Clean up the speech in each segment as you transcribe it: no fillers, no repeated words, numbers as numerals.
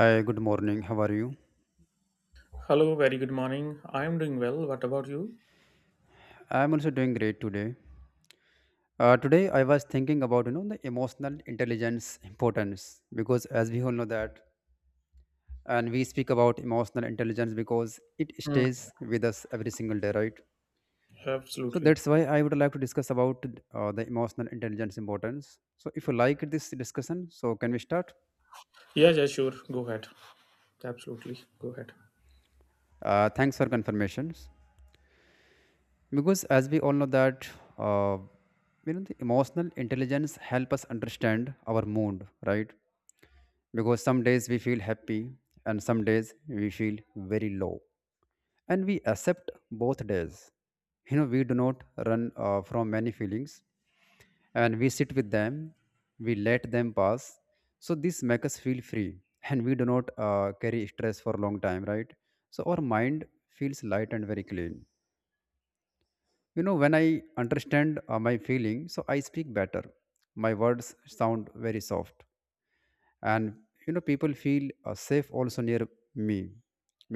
Hi, good morning. How are you? Hello, very good morning. I am doing well. What about you? I'm also doing great today. Today I was thinking about the emotional intelligence importance, because as we all know that, and we speak about emotional intelligence because it Hmm. stays with us every single day, right? So Absolutely. that's why I would like to discuss about the emotional intelligence importance. So if you like this discussion, so can we start? Yeah, yeah, sure. Go ahead. Absolutely. Go ahead. Thanks for confirmations, because as we all know that uh, the emotional intelligence help us understand our mood, right? Because some days we feel happy and some days we feel very low, and we accept both days. We do not run from many feelings, and we sit with them. We let them pass. So this makes us feel free, and we do not carry stress for a long time, right? So our mind feels light and very clean. When I understand my feeling, so I speak better. My words sound very soft, and people feel safe also near me,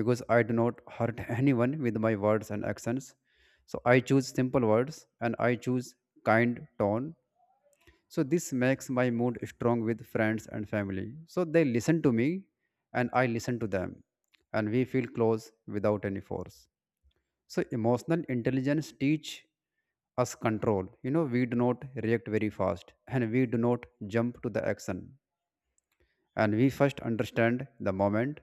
because I do not hurt anyone with my words and actions. So I choose simple words, and I choose kind tone. So this makes my mood strong with friends and family, so they listen to me and I listen to them, and we feel close without any force. So emotional intelligence teach us control. We do not react very fast, and we do not jump to the action, and we first understand the moment,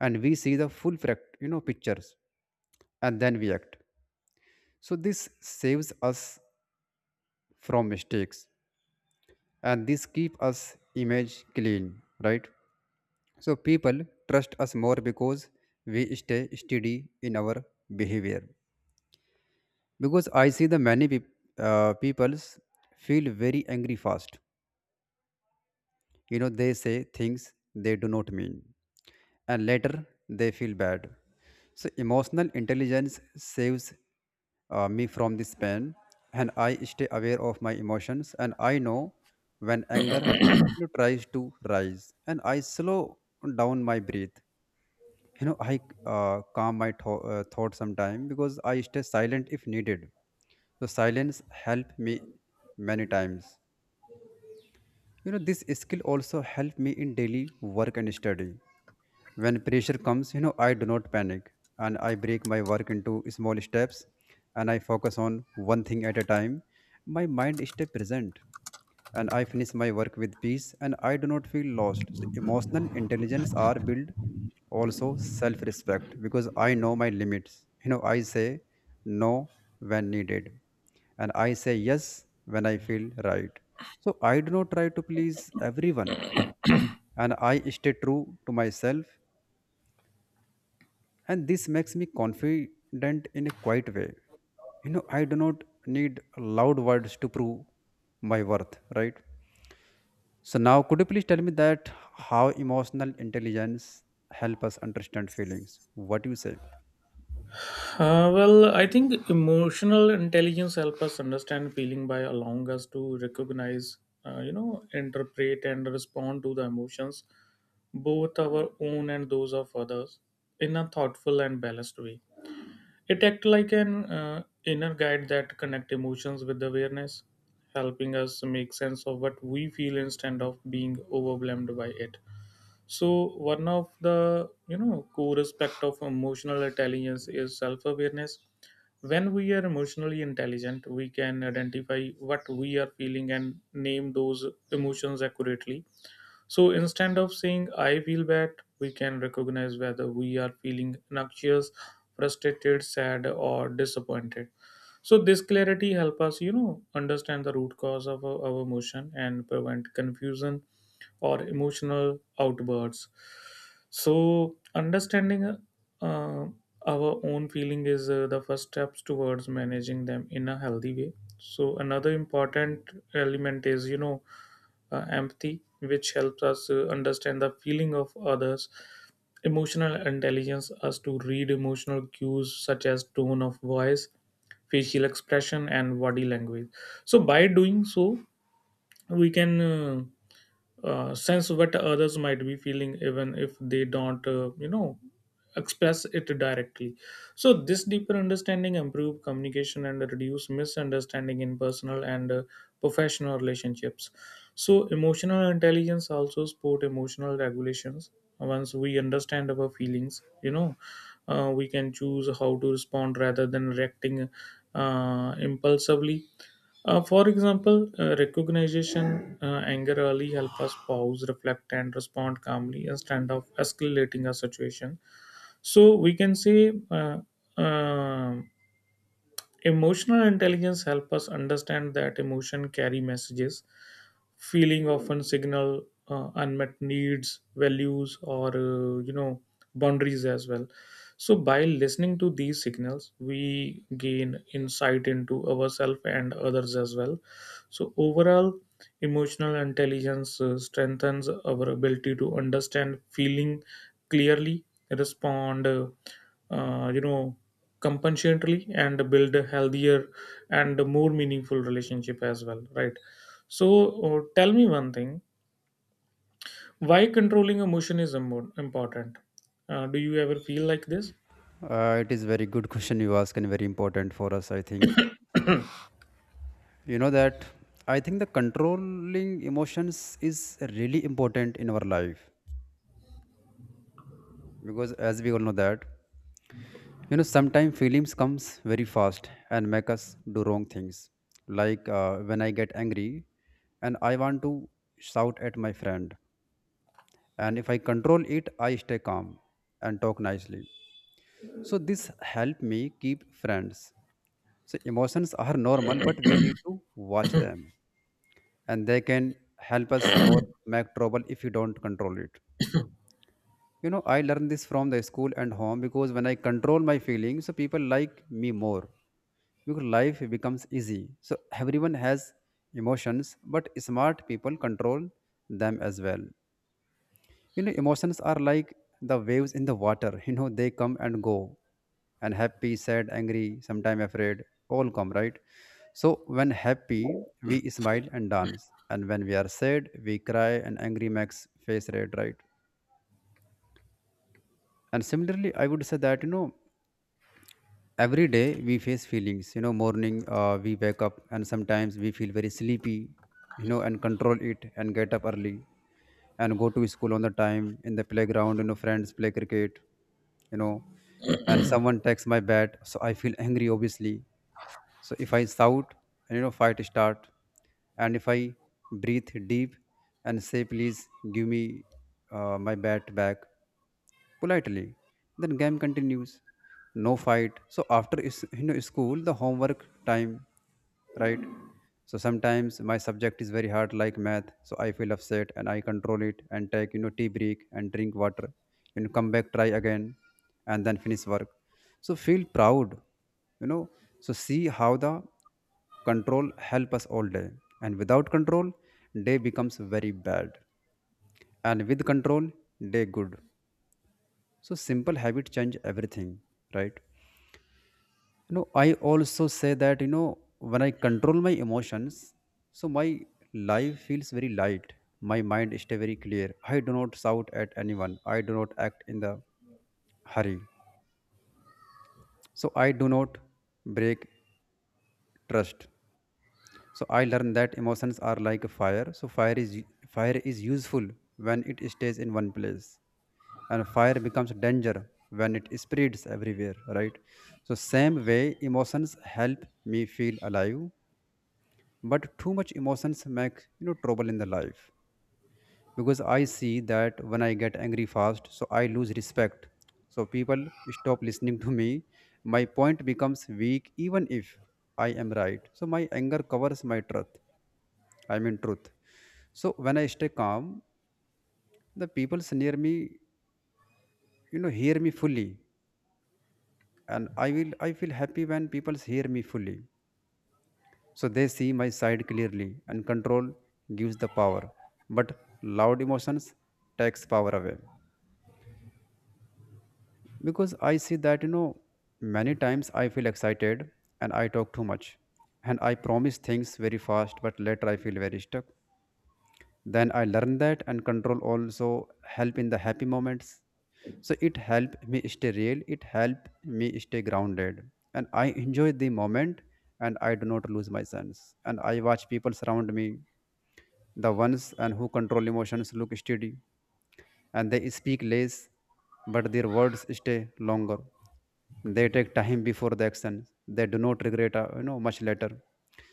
and we see the full fact pictures, and then we act. So this saves us from mistakes, and this keep us image clean, right? So people trust us more, because we stay steady in our behavior, because I see the many peoples feel very angry fast. They say things they do not mean, and later they feel bad. So, emotional intelligence saves me from this pain, and I stay aware of my emotions, and I know when anger tries to rise, and I slow down my breath. I calm my thoughts sometime because I stay silent if needed. So silence helped me many times. This skill also helped me in daily work and study. When pressure comes, I do not panic, and I break my work into small steps, and I focus on one thing at a time. My mind stays present, and I finish my work with peace, and I do not feel lost. So emotional intelligence are build, also self respect, because I know my limits. I say no when needed, and I say yes when I feel right. So I do not try to please everyone, and I stay true to myself, and this makes me confident in a quiet way. I do not need loud words to prove my worth, right? So now, could you please tell me that how emotional intelligence help us understand feelings? What do you say? I think emotional intelligence helps us understand feeling by allowing us to recognize, interpret and respond to the emotions, both our own and those of others, in a thoughtful and balanced way. It acts like an inner guide that connect emotions with awareness, helping us make sense of what we feel instead of being overwhelmed by it. So one of the core aspect of emotional intelligence is self-awareness when we are emotionally intelligent, we can identify what we are feeling and name those emotions accurately. So instead of saying, I feel bad, we can recognize whether we are feeling anxious, frustrated, sad, or disappointed so this clarity help us understand the root cause of our emotion and prevent confusion or emotional outbursts so understanding uh, our own feeling is the first steps towards managing them in a healthy way so another important element is empathy which helps us understand the feeling of others emotional intelligence us to read emotional cues such as tone of voice facial expression and body language. So by doing so we can sense what others might be feeling even if they don't express it directly. So this deeper understanding improve communication and reduce misunderstanding in personal and professional relationships. So emotional intelligence also support emotional regulations once we understand our feelings we can choose how to respond rather than reacting impulsively. For example, recognition, anger early help us pause, reflect, and respond calmly instead of escalating a situation. So we can say um, emotional intelligence helps us understand that emotion carry messages. Feeling often signal unmet needs, values, or boundaries as well. So by listening to these signals, we gain insight into ourselves and others as well. So overall, emotional intelligence strengthens our ability to understand feeling clearly, respond, uh, you know, compassionately, and build a healthier and more meaningful relationship as well, right? So, tell me one thing: why controlling emotion is important? Do you ever feel like this? It is very good question you ask and very important for us. I think you know that. I think the controlling emotions is really important in our life, because, as we all know that, sometimes feelings comes very fast and make us do wrong things. Like when I get angry, and I want to shout at my friend, and if I control it, I stay calm and talk nicely, so this help me keep friends. So emotions are normal, but we need to watch them, and they can help us or make trouble if you don't control it. I learned this from the school and home, because when I control my feelings, so people like me more, because life becomes easy. So everyone has emotions, but smart people control them as well. Emotions are like the waves in the water. They come and go. And happy, sad, angry, sometime afraid, all come, right? So when happy, we smile and dance. And when we are sad, we cry, and angry makes face red, right? And similarly, I would say that, every day we face feelings. Morning we wake up and sometimes we feel very sleepy, and control it and get up early and go to school on the time. In the playground, friends play cricket, you know and someone takes my bat, so I feel angry obviously. So if I shout, and fight start. And if I breathe deep and say please give me my bat back politely. Then game continues. No fight. So after is school, the homework time, right? So sometimes my subject is very hard, like math. So I feel upset and I control it and take, tea break and drink water. Come back, try again, and then finish work. So feel proud, you know. So see how the control help us all day. And without control, day becomes very bad. And with control, day good. So simple habit change everything, right? I also say that when I control my emotions, so my life feels very light. My mind stay very clear. I do not shout at anyone. I do not act in the hurry. So I do not break trust. So I learned that emotions are like a fire. So fire is useful when it stays in one place, and fire becomes danger when it spreads everywhere, right? So same way, emotions help me feel alive, but too much emotions make trouble in the life, because I see that when I get angry fast, so I lose respect. So people stop listening to me. My point becomes weak even if I am right, so my anger covers my truth. I mean truth. So when I stay calm, the people near me, hear me fully, and I feel happy when people hear me fully. So they see my side clearly, and control gives the power, but loud emotions takes power away, because I see that many times I feel excited and I talk too much, and I promise things very fast, but later I feel very stuck. Then I learned that and control also help in the happy moments. So it help me stay real, it help me stay grounded, and I enjoy the moment, and I do not lose my sense, and I watch people surround me. The ones and who control emotions look steady, and they speak less, but their words stay longer. They take time before the action. They do not regret, much later.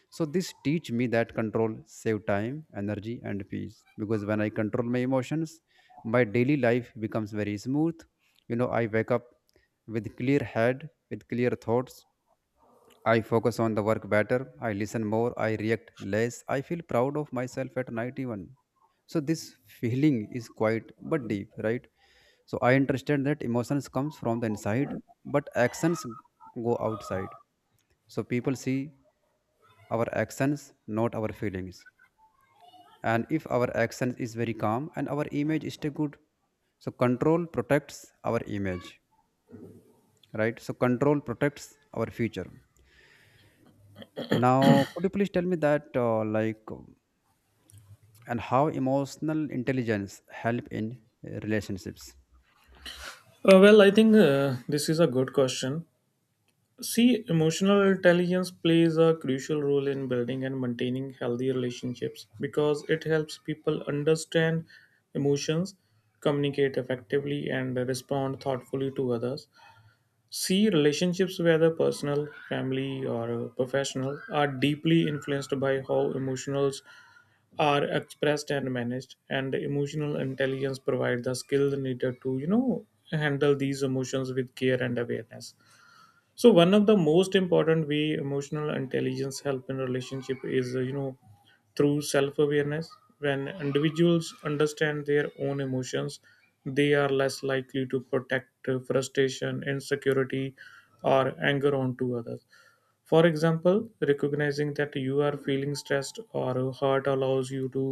So this teach me that control save time, energy, and peace. Because when I control my emotions, my daily life becomes very smooth. I wake up with clear head, with clear thoughts, I focus on the work better, I listen more, I react less, I feel proud of myself at night even. So this feeling is quite but deep, right? So I understand that emotions comes from the inside, but actions go outside. So people see our actions, not our feelings. And if our actions is very calm and our image is still good, so control protects our image, right? So control protects our future. Now, could you please tell me that, like, and how emotional intelligence help in relationships? I think this is a good question. See, emotional intelligence plays a crucial role in building and maintaining healthy relationships because it helps people understand emotions, communicate effectively, and respond thoughtfully to others. See, relationships, whether personal, family, or professional, are deeply influenced by how emotions are expressed and managed and emotional intelligence provides the skill needed to handle these emotions with care and awareness. So one of the most important way emotional intelligence help in relationship is through self awareness. When individuals understand their own emotions they are less likely to protect frustration insecurity or anger onto others. For example recognizing that you are feeling stressed or hurt allows you to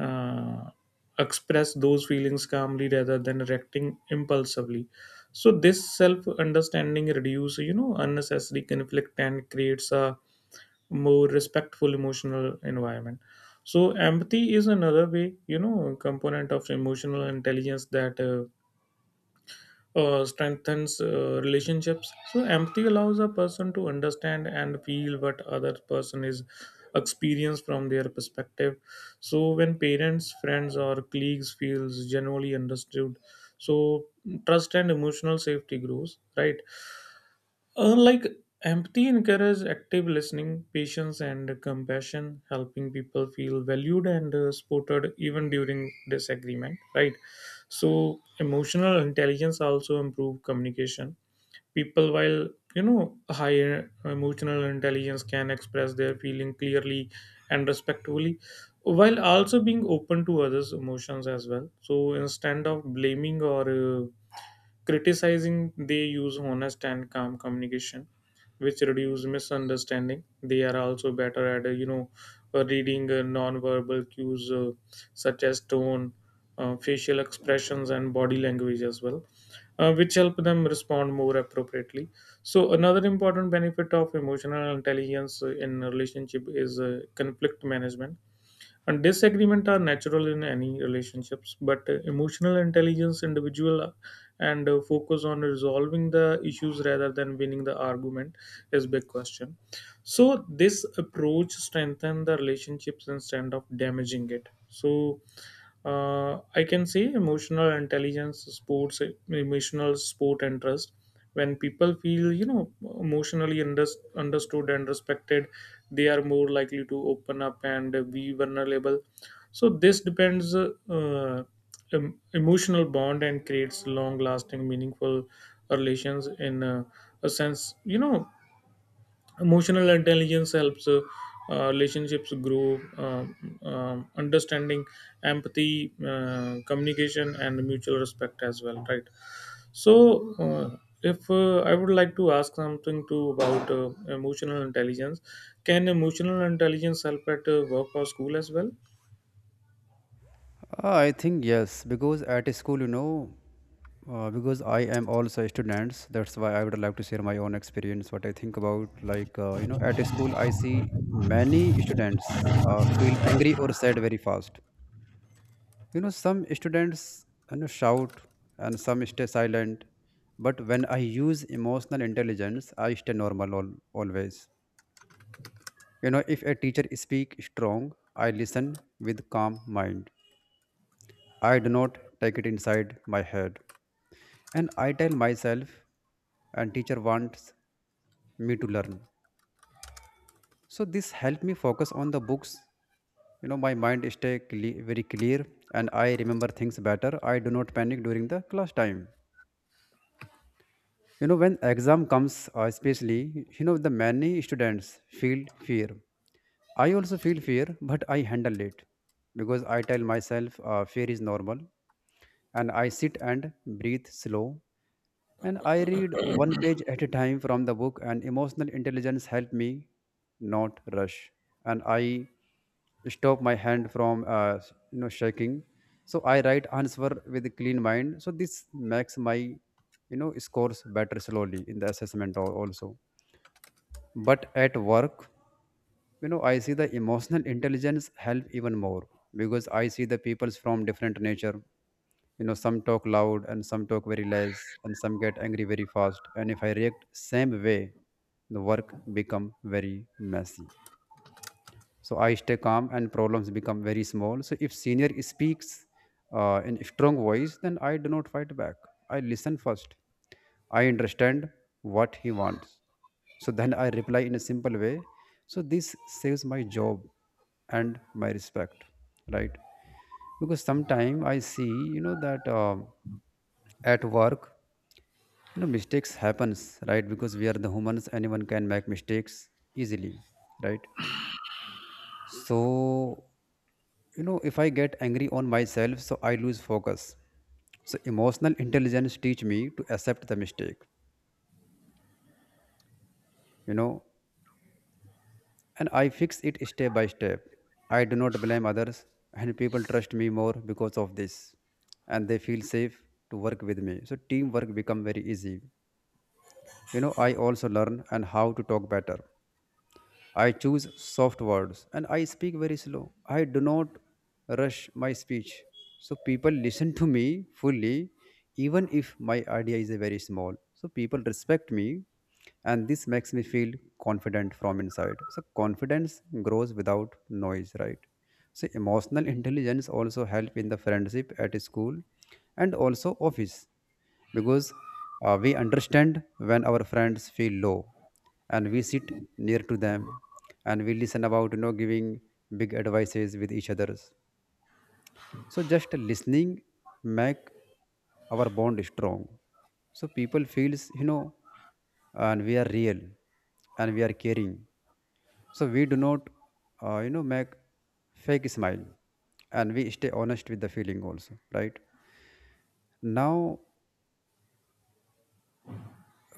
uh, express those feelings calmly rather than reacting impulsively. So this self understanding reduces unnecessary conflict and creates a more respectful emotional environment. So empathy is another way component of emotional intelligence that strengthens relationships. So empathy allows a person to understand and feel what other person is experience from their perspective. So when parents, friends, or colleagues feels generally understood, so trust and emotional safety grows. Right. Like empathy encourages active listening, patience, and compassion, helping people feel valued and supported even during disagreement. Right. So emotional intelligence also improve communication. People, while higher emotional intelligence, can express their feeling clearly and respectfully, while also being open to others' emotions as well. So instead of blaming or criticizing, they use honest and calm communication, which reduce misunderstanding. They are also better at, reading non-verbal cues such as tone, facial expressions, and body language as well, which help them respond more appropriately. So another important benefit of emotional intelligence in a relationship is conflict management and disagreement are natural in any relationships, but emotional intelligence, individual, and focus on resolving the issues rather than winning the argument is big question. So this approach strengthen the relationships instead of damaging it. So I can say emotional intelligence, sports, emotional sport and trust. When people feel emotionally understood and respected, they are more likely to open up and be vulnerable so this depends emotional bond and creates long lasting meaningful relations in a sense you know emotional intelligence helps relationships grow understanding empathy communication and mutual respect as well, right? So, uh, if uh, I would like to ask something too about emotional intelligence, can emotional intelligence help at work or school as well? I think yes, because at school, because I am also a student, that's why I would like to share my own experience. What I think about, like, at school, I see many students feel angry or sad very fast. Some students shout, and some stay silent, but when I use emotional intelligence, I stay normal always. If a teacher speak strong, I listen with calm mind. I do not take it inside my head, and I tell myself and teacher wants me to learn. So this help me focus on the books. My mind stay very clear, and I remember things better. I do not panic during the class time. When exam comes, especially the many students feel fear. I also feel fear, but I handle it, because I tell myself fear is normal. And I sit and breathe slow, and I read one page at a time from the book, and emotional intelligence helped me not rush. And I stop my hand from shaking. So I write answer with a clean mind. So this makes my scores better slowly in the assessment also. But at work, I see the emotional intelligence help even more because I see the peoples from different nature. Some talk loud and some talk very less and some get angry very fast, and if I react same way, the work become very messy. So I stay calm and problems become very small. So if senior speaks in strong voice, then I do not fight back. I listen first, I understand what he wants, so then I reply in a simple way. So this saves my job and my respect, right? Because sometimes I see that at work, mistakes happens, right? Because we are the humans, anyone can make mistakes easily, right? So if I get angry on myself, so I lose focus. So emotional intelligence teach me to accept the mistake, you know, and I fix it step by step. I do not blame others, and people trust me more because of this, and they feel safe to work with me. So teamwork become very easy. I also learn and how to talk better. I choose soft words and I speak very slow. I do not rush my speech. So people listen to me fully, even if my idea is a very small. So people respect me, and this makes me feel confident from inside. So confidence grows without noise, right? So emotional intelligence also help in the friendship at school and also office because we understand when our friends feel low, and we sit near to them, and we listen about giving big advices with each others. So just listening make our bond strong. So people feels, and we are real, and we are caring. So we do not make fake smile, and we stay honest with the feeling also, right? Now,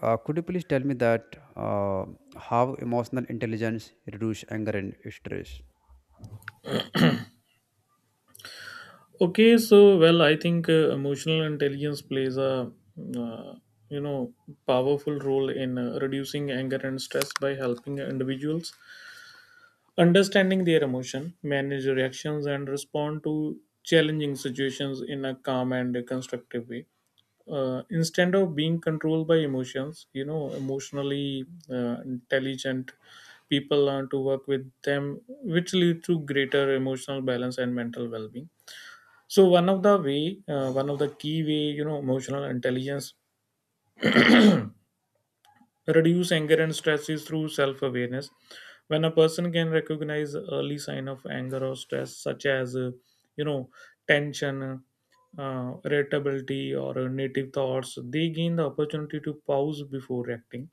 could you please tell me that how emotional intelligence reduce anger and stress? Okay, I think emotional intelligence plays a uh, you know powerful role in reducing anger and stress by helping individuals understanding their emotion, manage reactions, and respond to challenging situations in a calm and constructive way. Instead of being controlled by emotions you know emotionally intelligent people learn to work with them which lead to greater emotional balance and mental well-being. So one of the key way emotional intelligence reduce anger and stress is through self awareness. When a person can recognize early sign of anger or stress, such as you know tension, irritability, or native thoughts, they gain the opportunity to pause before acting.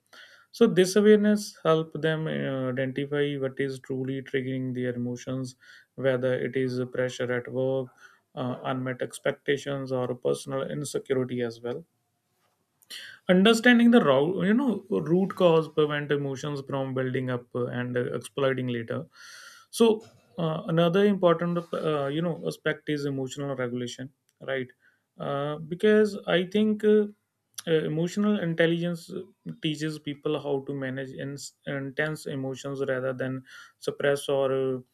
So this awareness help them identify what is truly triggering their emotions, whether it is pressure at work, unmet expectations, or personal insecurity as well. Understanding the root cause prevent emotions from building up and exploding later. So another important aspect is emotional regulation, right? Because I think emotional intelligence teaches people how to manage intense emotions rather than suppress or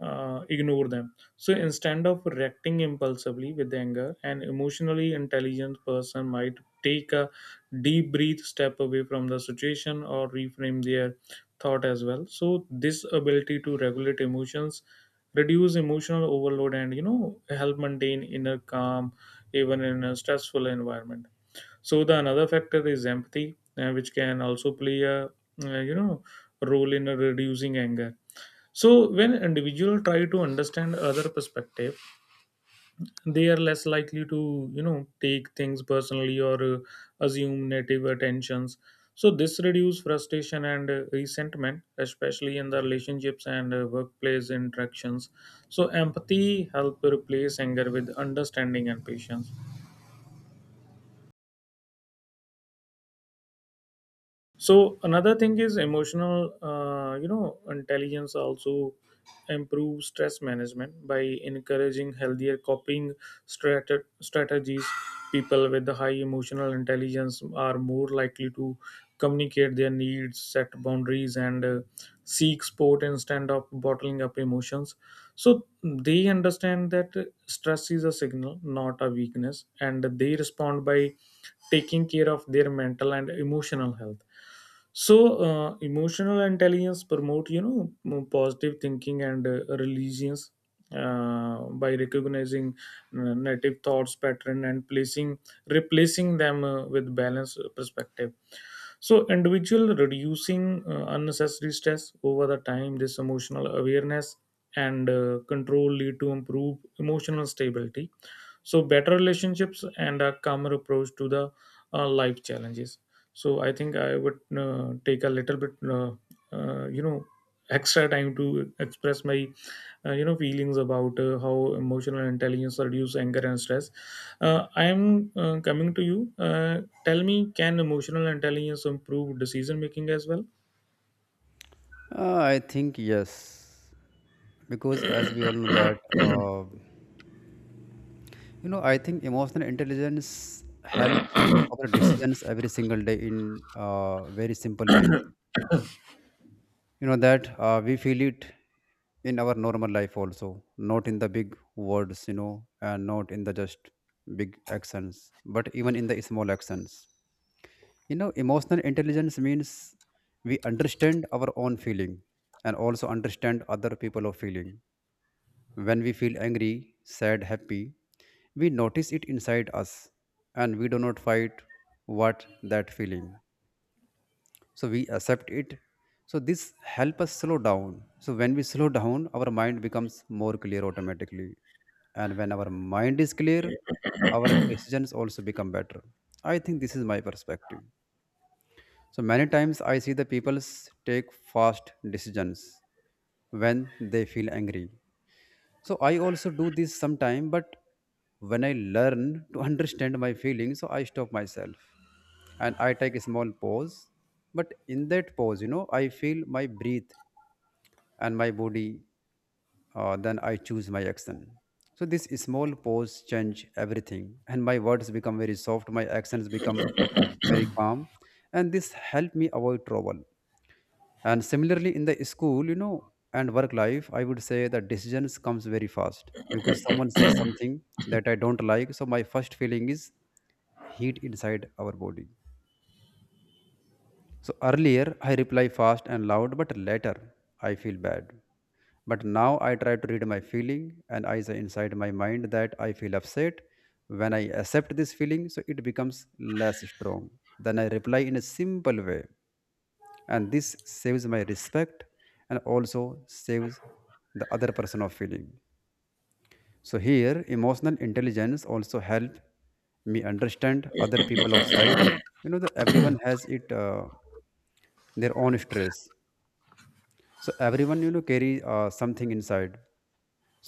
ignore them. So instead of reacting impulsively with anger, an emotionally intelligent person might take a deep breathe, step away from the situation, or reframe their thought as well. So this ability to regulate emotions, reduce emotional overload, and you know help maintain inner calm even in a stressful environment. So the another factor is empathy, which can also play a role in reducing anger. So when individual try to understand other perspective they are less likely to take things personally or assume native attentions. So this reduces frustration and resentment especially in the relationships and workplace interactions. So empathy help replace anger with understanding and patience. So another thing is emotional intelligence also improves stress management by encouraging healthier coping strate- strategies. People with the high emotional intelligence are more likely to communicate their needs set boundaries and seek support instead of bottling up emotions. So they understand that stress is a signal not a weakness and they respond by taking care of their mental and emotional health. So emotional intelligence promote positive thinking and religions uh, by recognizing native thoughts pattern and placing replacing them with balanced perspective. So individual reducing unnecessary stress over the time this emotional awareness and control lead to improved emotional stability. So better relationships and a calmer approach to the life challenges. So I think I would take a little bit uh, you know extra time to express my feelings about how emotional intelligence reduce anger and stress. I am coming to you. uh, Tell me, can emotional intelligence improve decision making as well? I think yes, because as we all know that. I think emotional intelligence helps our decisions every single day in very simple ways. You know that we feel it in our normal life also, not in the big words, and not in the just big actions, but even in the small actions. Emotional intelligence means we understand our own feeling and also understand other people of feeling. When we feel angry, sad, happy, we notice it inside us, and we do not fight what that feeling. So we accept it. So this help us slow down. So when we slow down, our mind becomes more clear automatically. And when our mind is clear, our decisions also become better. I think this is my perspective. So many times I see the people take fast decisions when they feel angry. So I also do this sometime, but when I learn to understand my feelings, so I stop myself and I take a small pause. But in that pause, I feel my breath and my body. Then I choose my action. So this small pause change everything, and my words become very soft, my actions become very calm, and this help me avoid trouble. And similarly in the school, and work life, I would say that decisions comes very fast because someone says something that I don't like. So my first feeling is heat inside our body. So earlier I reply fast and loud, but later I feel bad. But now I try to read my feeling, and I say inside my mind that I feel upset. When I accept this feeling, so it becomes less strong. Then I reply in a simple way, and this saves my respect and also saves the other person of feeling. So here emotional intelligence also help me understand other people outside. You know that everyone has it their own stress. So everyone carry something inside.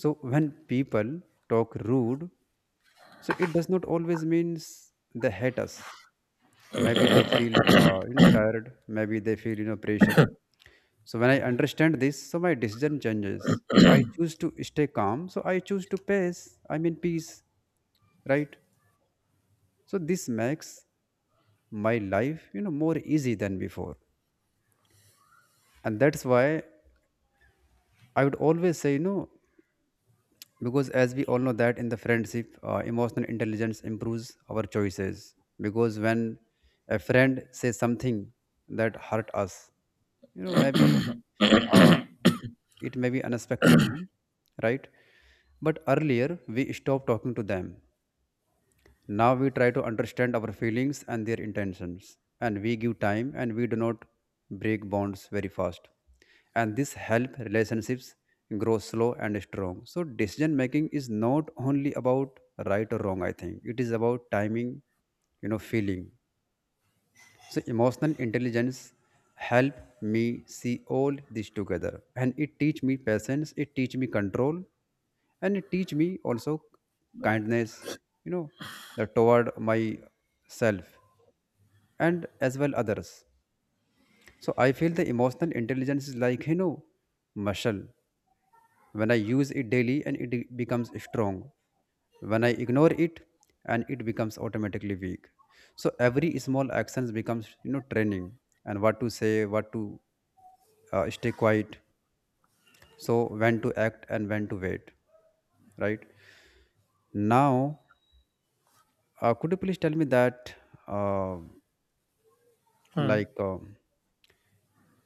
So when people talk rude, so it does not always means they hate us. Maybe they feel tired, maybe they feel pressure. So when I understand this, so my decision changes. So I choose to stay calm. So I choose to pace. I mean peace, right? So this makes my life, more easy than before. And that's why I would always say, because as we all know that in the friendship, emotional intelligence improves our choices. Because when a friend says something that hurt us, maybe uh, it may be unexpectedly, right? But earlier we stopped talking to them. Now we try to understand our feelings and their intentions, and we give time, and we do not break bonds very fast, and this help relationships grow slow and strong. So decision making is not only about right or wrong. I think it is about timing, feeling. So emotional intelligence help me see all this together, and it teach me patience, it teach me control, and it teach me also kindness, you know, the toward myself and as well others. So I feel the emotional intelligence is like, muscle. When I use it daily, and it becomes strong. When I ignore it, and it becomes automatically weak. So every small actions becomes training, and what to say, what to stay quiet, so when to act and when to wait, right? Now, could you please tell me that uh, Hmm. like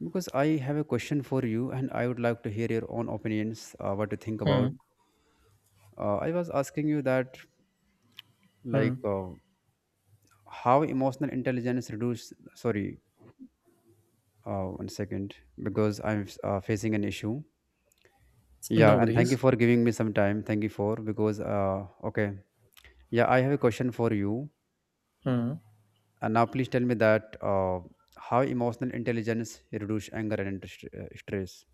because I have a question for you, and I would like to hear your own opinions. What you think about? Hmm. I was asking you that like Hmm. How emotional intelligence reduce. Sorry. One second, because I'm facing an issue. Yeah, No and thank you worries. for giving me some time. Thank you for because okay. Yeah, I have a question for you. Hmm. And now please tell me that how emotional intelligence reduce anger and stress.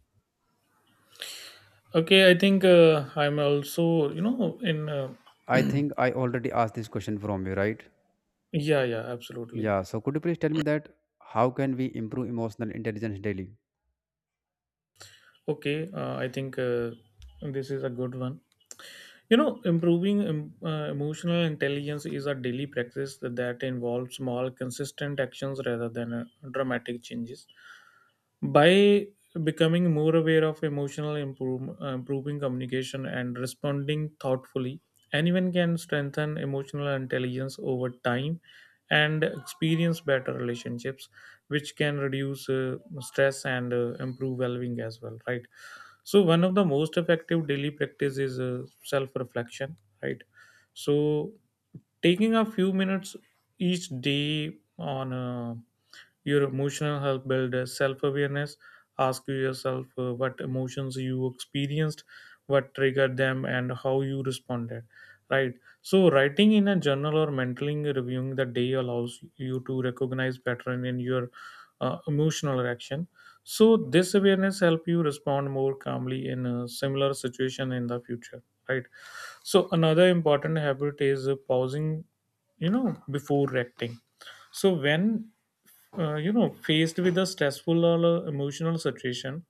Okay, I think I'm also, you know, in. I think I already asked this question from you, right? yeah, yeah, absolutely. Yeah. So could you please tell me that how can we improve emotional intelligence daily? Okay, I think this is a good one. You know, improving emotional intelligence is a daily practice that involves small, consistent actions rather than dramatic changes. By becoming more aware of improving communication and responding thoughtfully anyone can strengthen emotional intelligence over time and experience better relationships which can reduce stress and improve well-being as well, right? So one of the most effective daily practice is self-reflection, right? So taking a few minutes each day on your emotional health builds self awareness. Ask yourself what emotions you experienced, what triggered them, and how you responded. Right. So, writing in a journal or mentally reviewing the day allows you to recognize pattern in your emotional reaction. So, this awareness help you respond more calmly in a similar situation in the future. Right. So, another important habit is pausing, you know, before reacting. So when you know, faced with a stressful or emotional situation,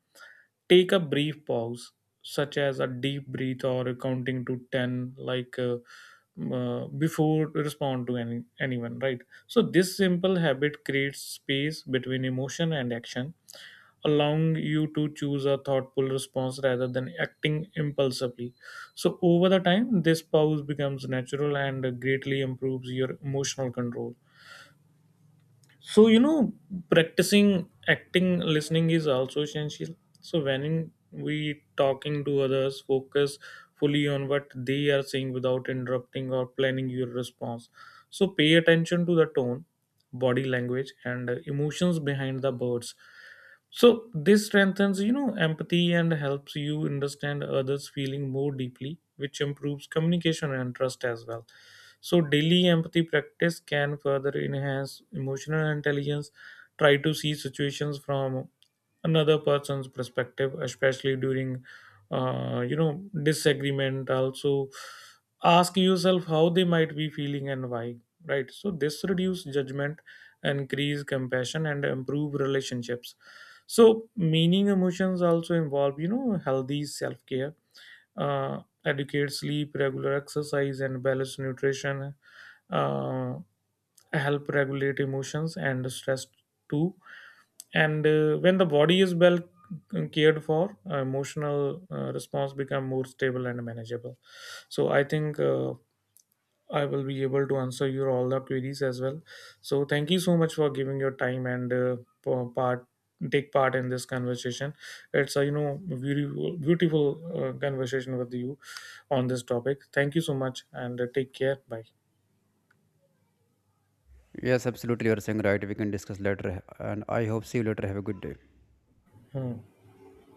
take a brief pause, such as a deep breath or a counting to 10, like before you respond to anyone, right? So, this simple habit creates space between emotion and action, allowing you to choose a thoughtful response rather than acting impulsively. So, over the time, this pause becomes natural and greatly improves your emotional control. So, you know, practicing acting listening is also essential. So, when we talking to others, focus fully on what they are saying without interrupting or planning your response. So, pay attention to the tone, body language, and emotions behind the words. So, this strengthens, you know, empathy and helps you understand others' feeling more deeply, which improves communication and trust as well. So, daily empathy practice can further enhance emotional intelligence. Try to see situations from another person's perspective, especially during, disagreement. Also, ask yourself how they might be feeling and why. Right. So, this reduce judgment, increase compassion, and improve relationships. So, meaning emotions also involve, you know, healthy self care adequate sleep, regular exercise, and balanced nutrition uh, help regulate emotions and stress too. And when the body is well cared for, emotional response become more stable and manageable. So I think. I will be able to answer your all the queries as well. So thank you so much for giving your time and for part take part in this conversation. It's a beautiful, conversation with you on this topic. Thank you so much and take care. Bye. Yes, absolutely. You are saying right. We can discuss later, and I hope see you later. Have a good day. Hmm.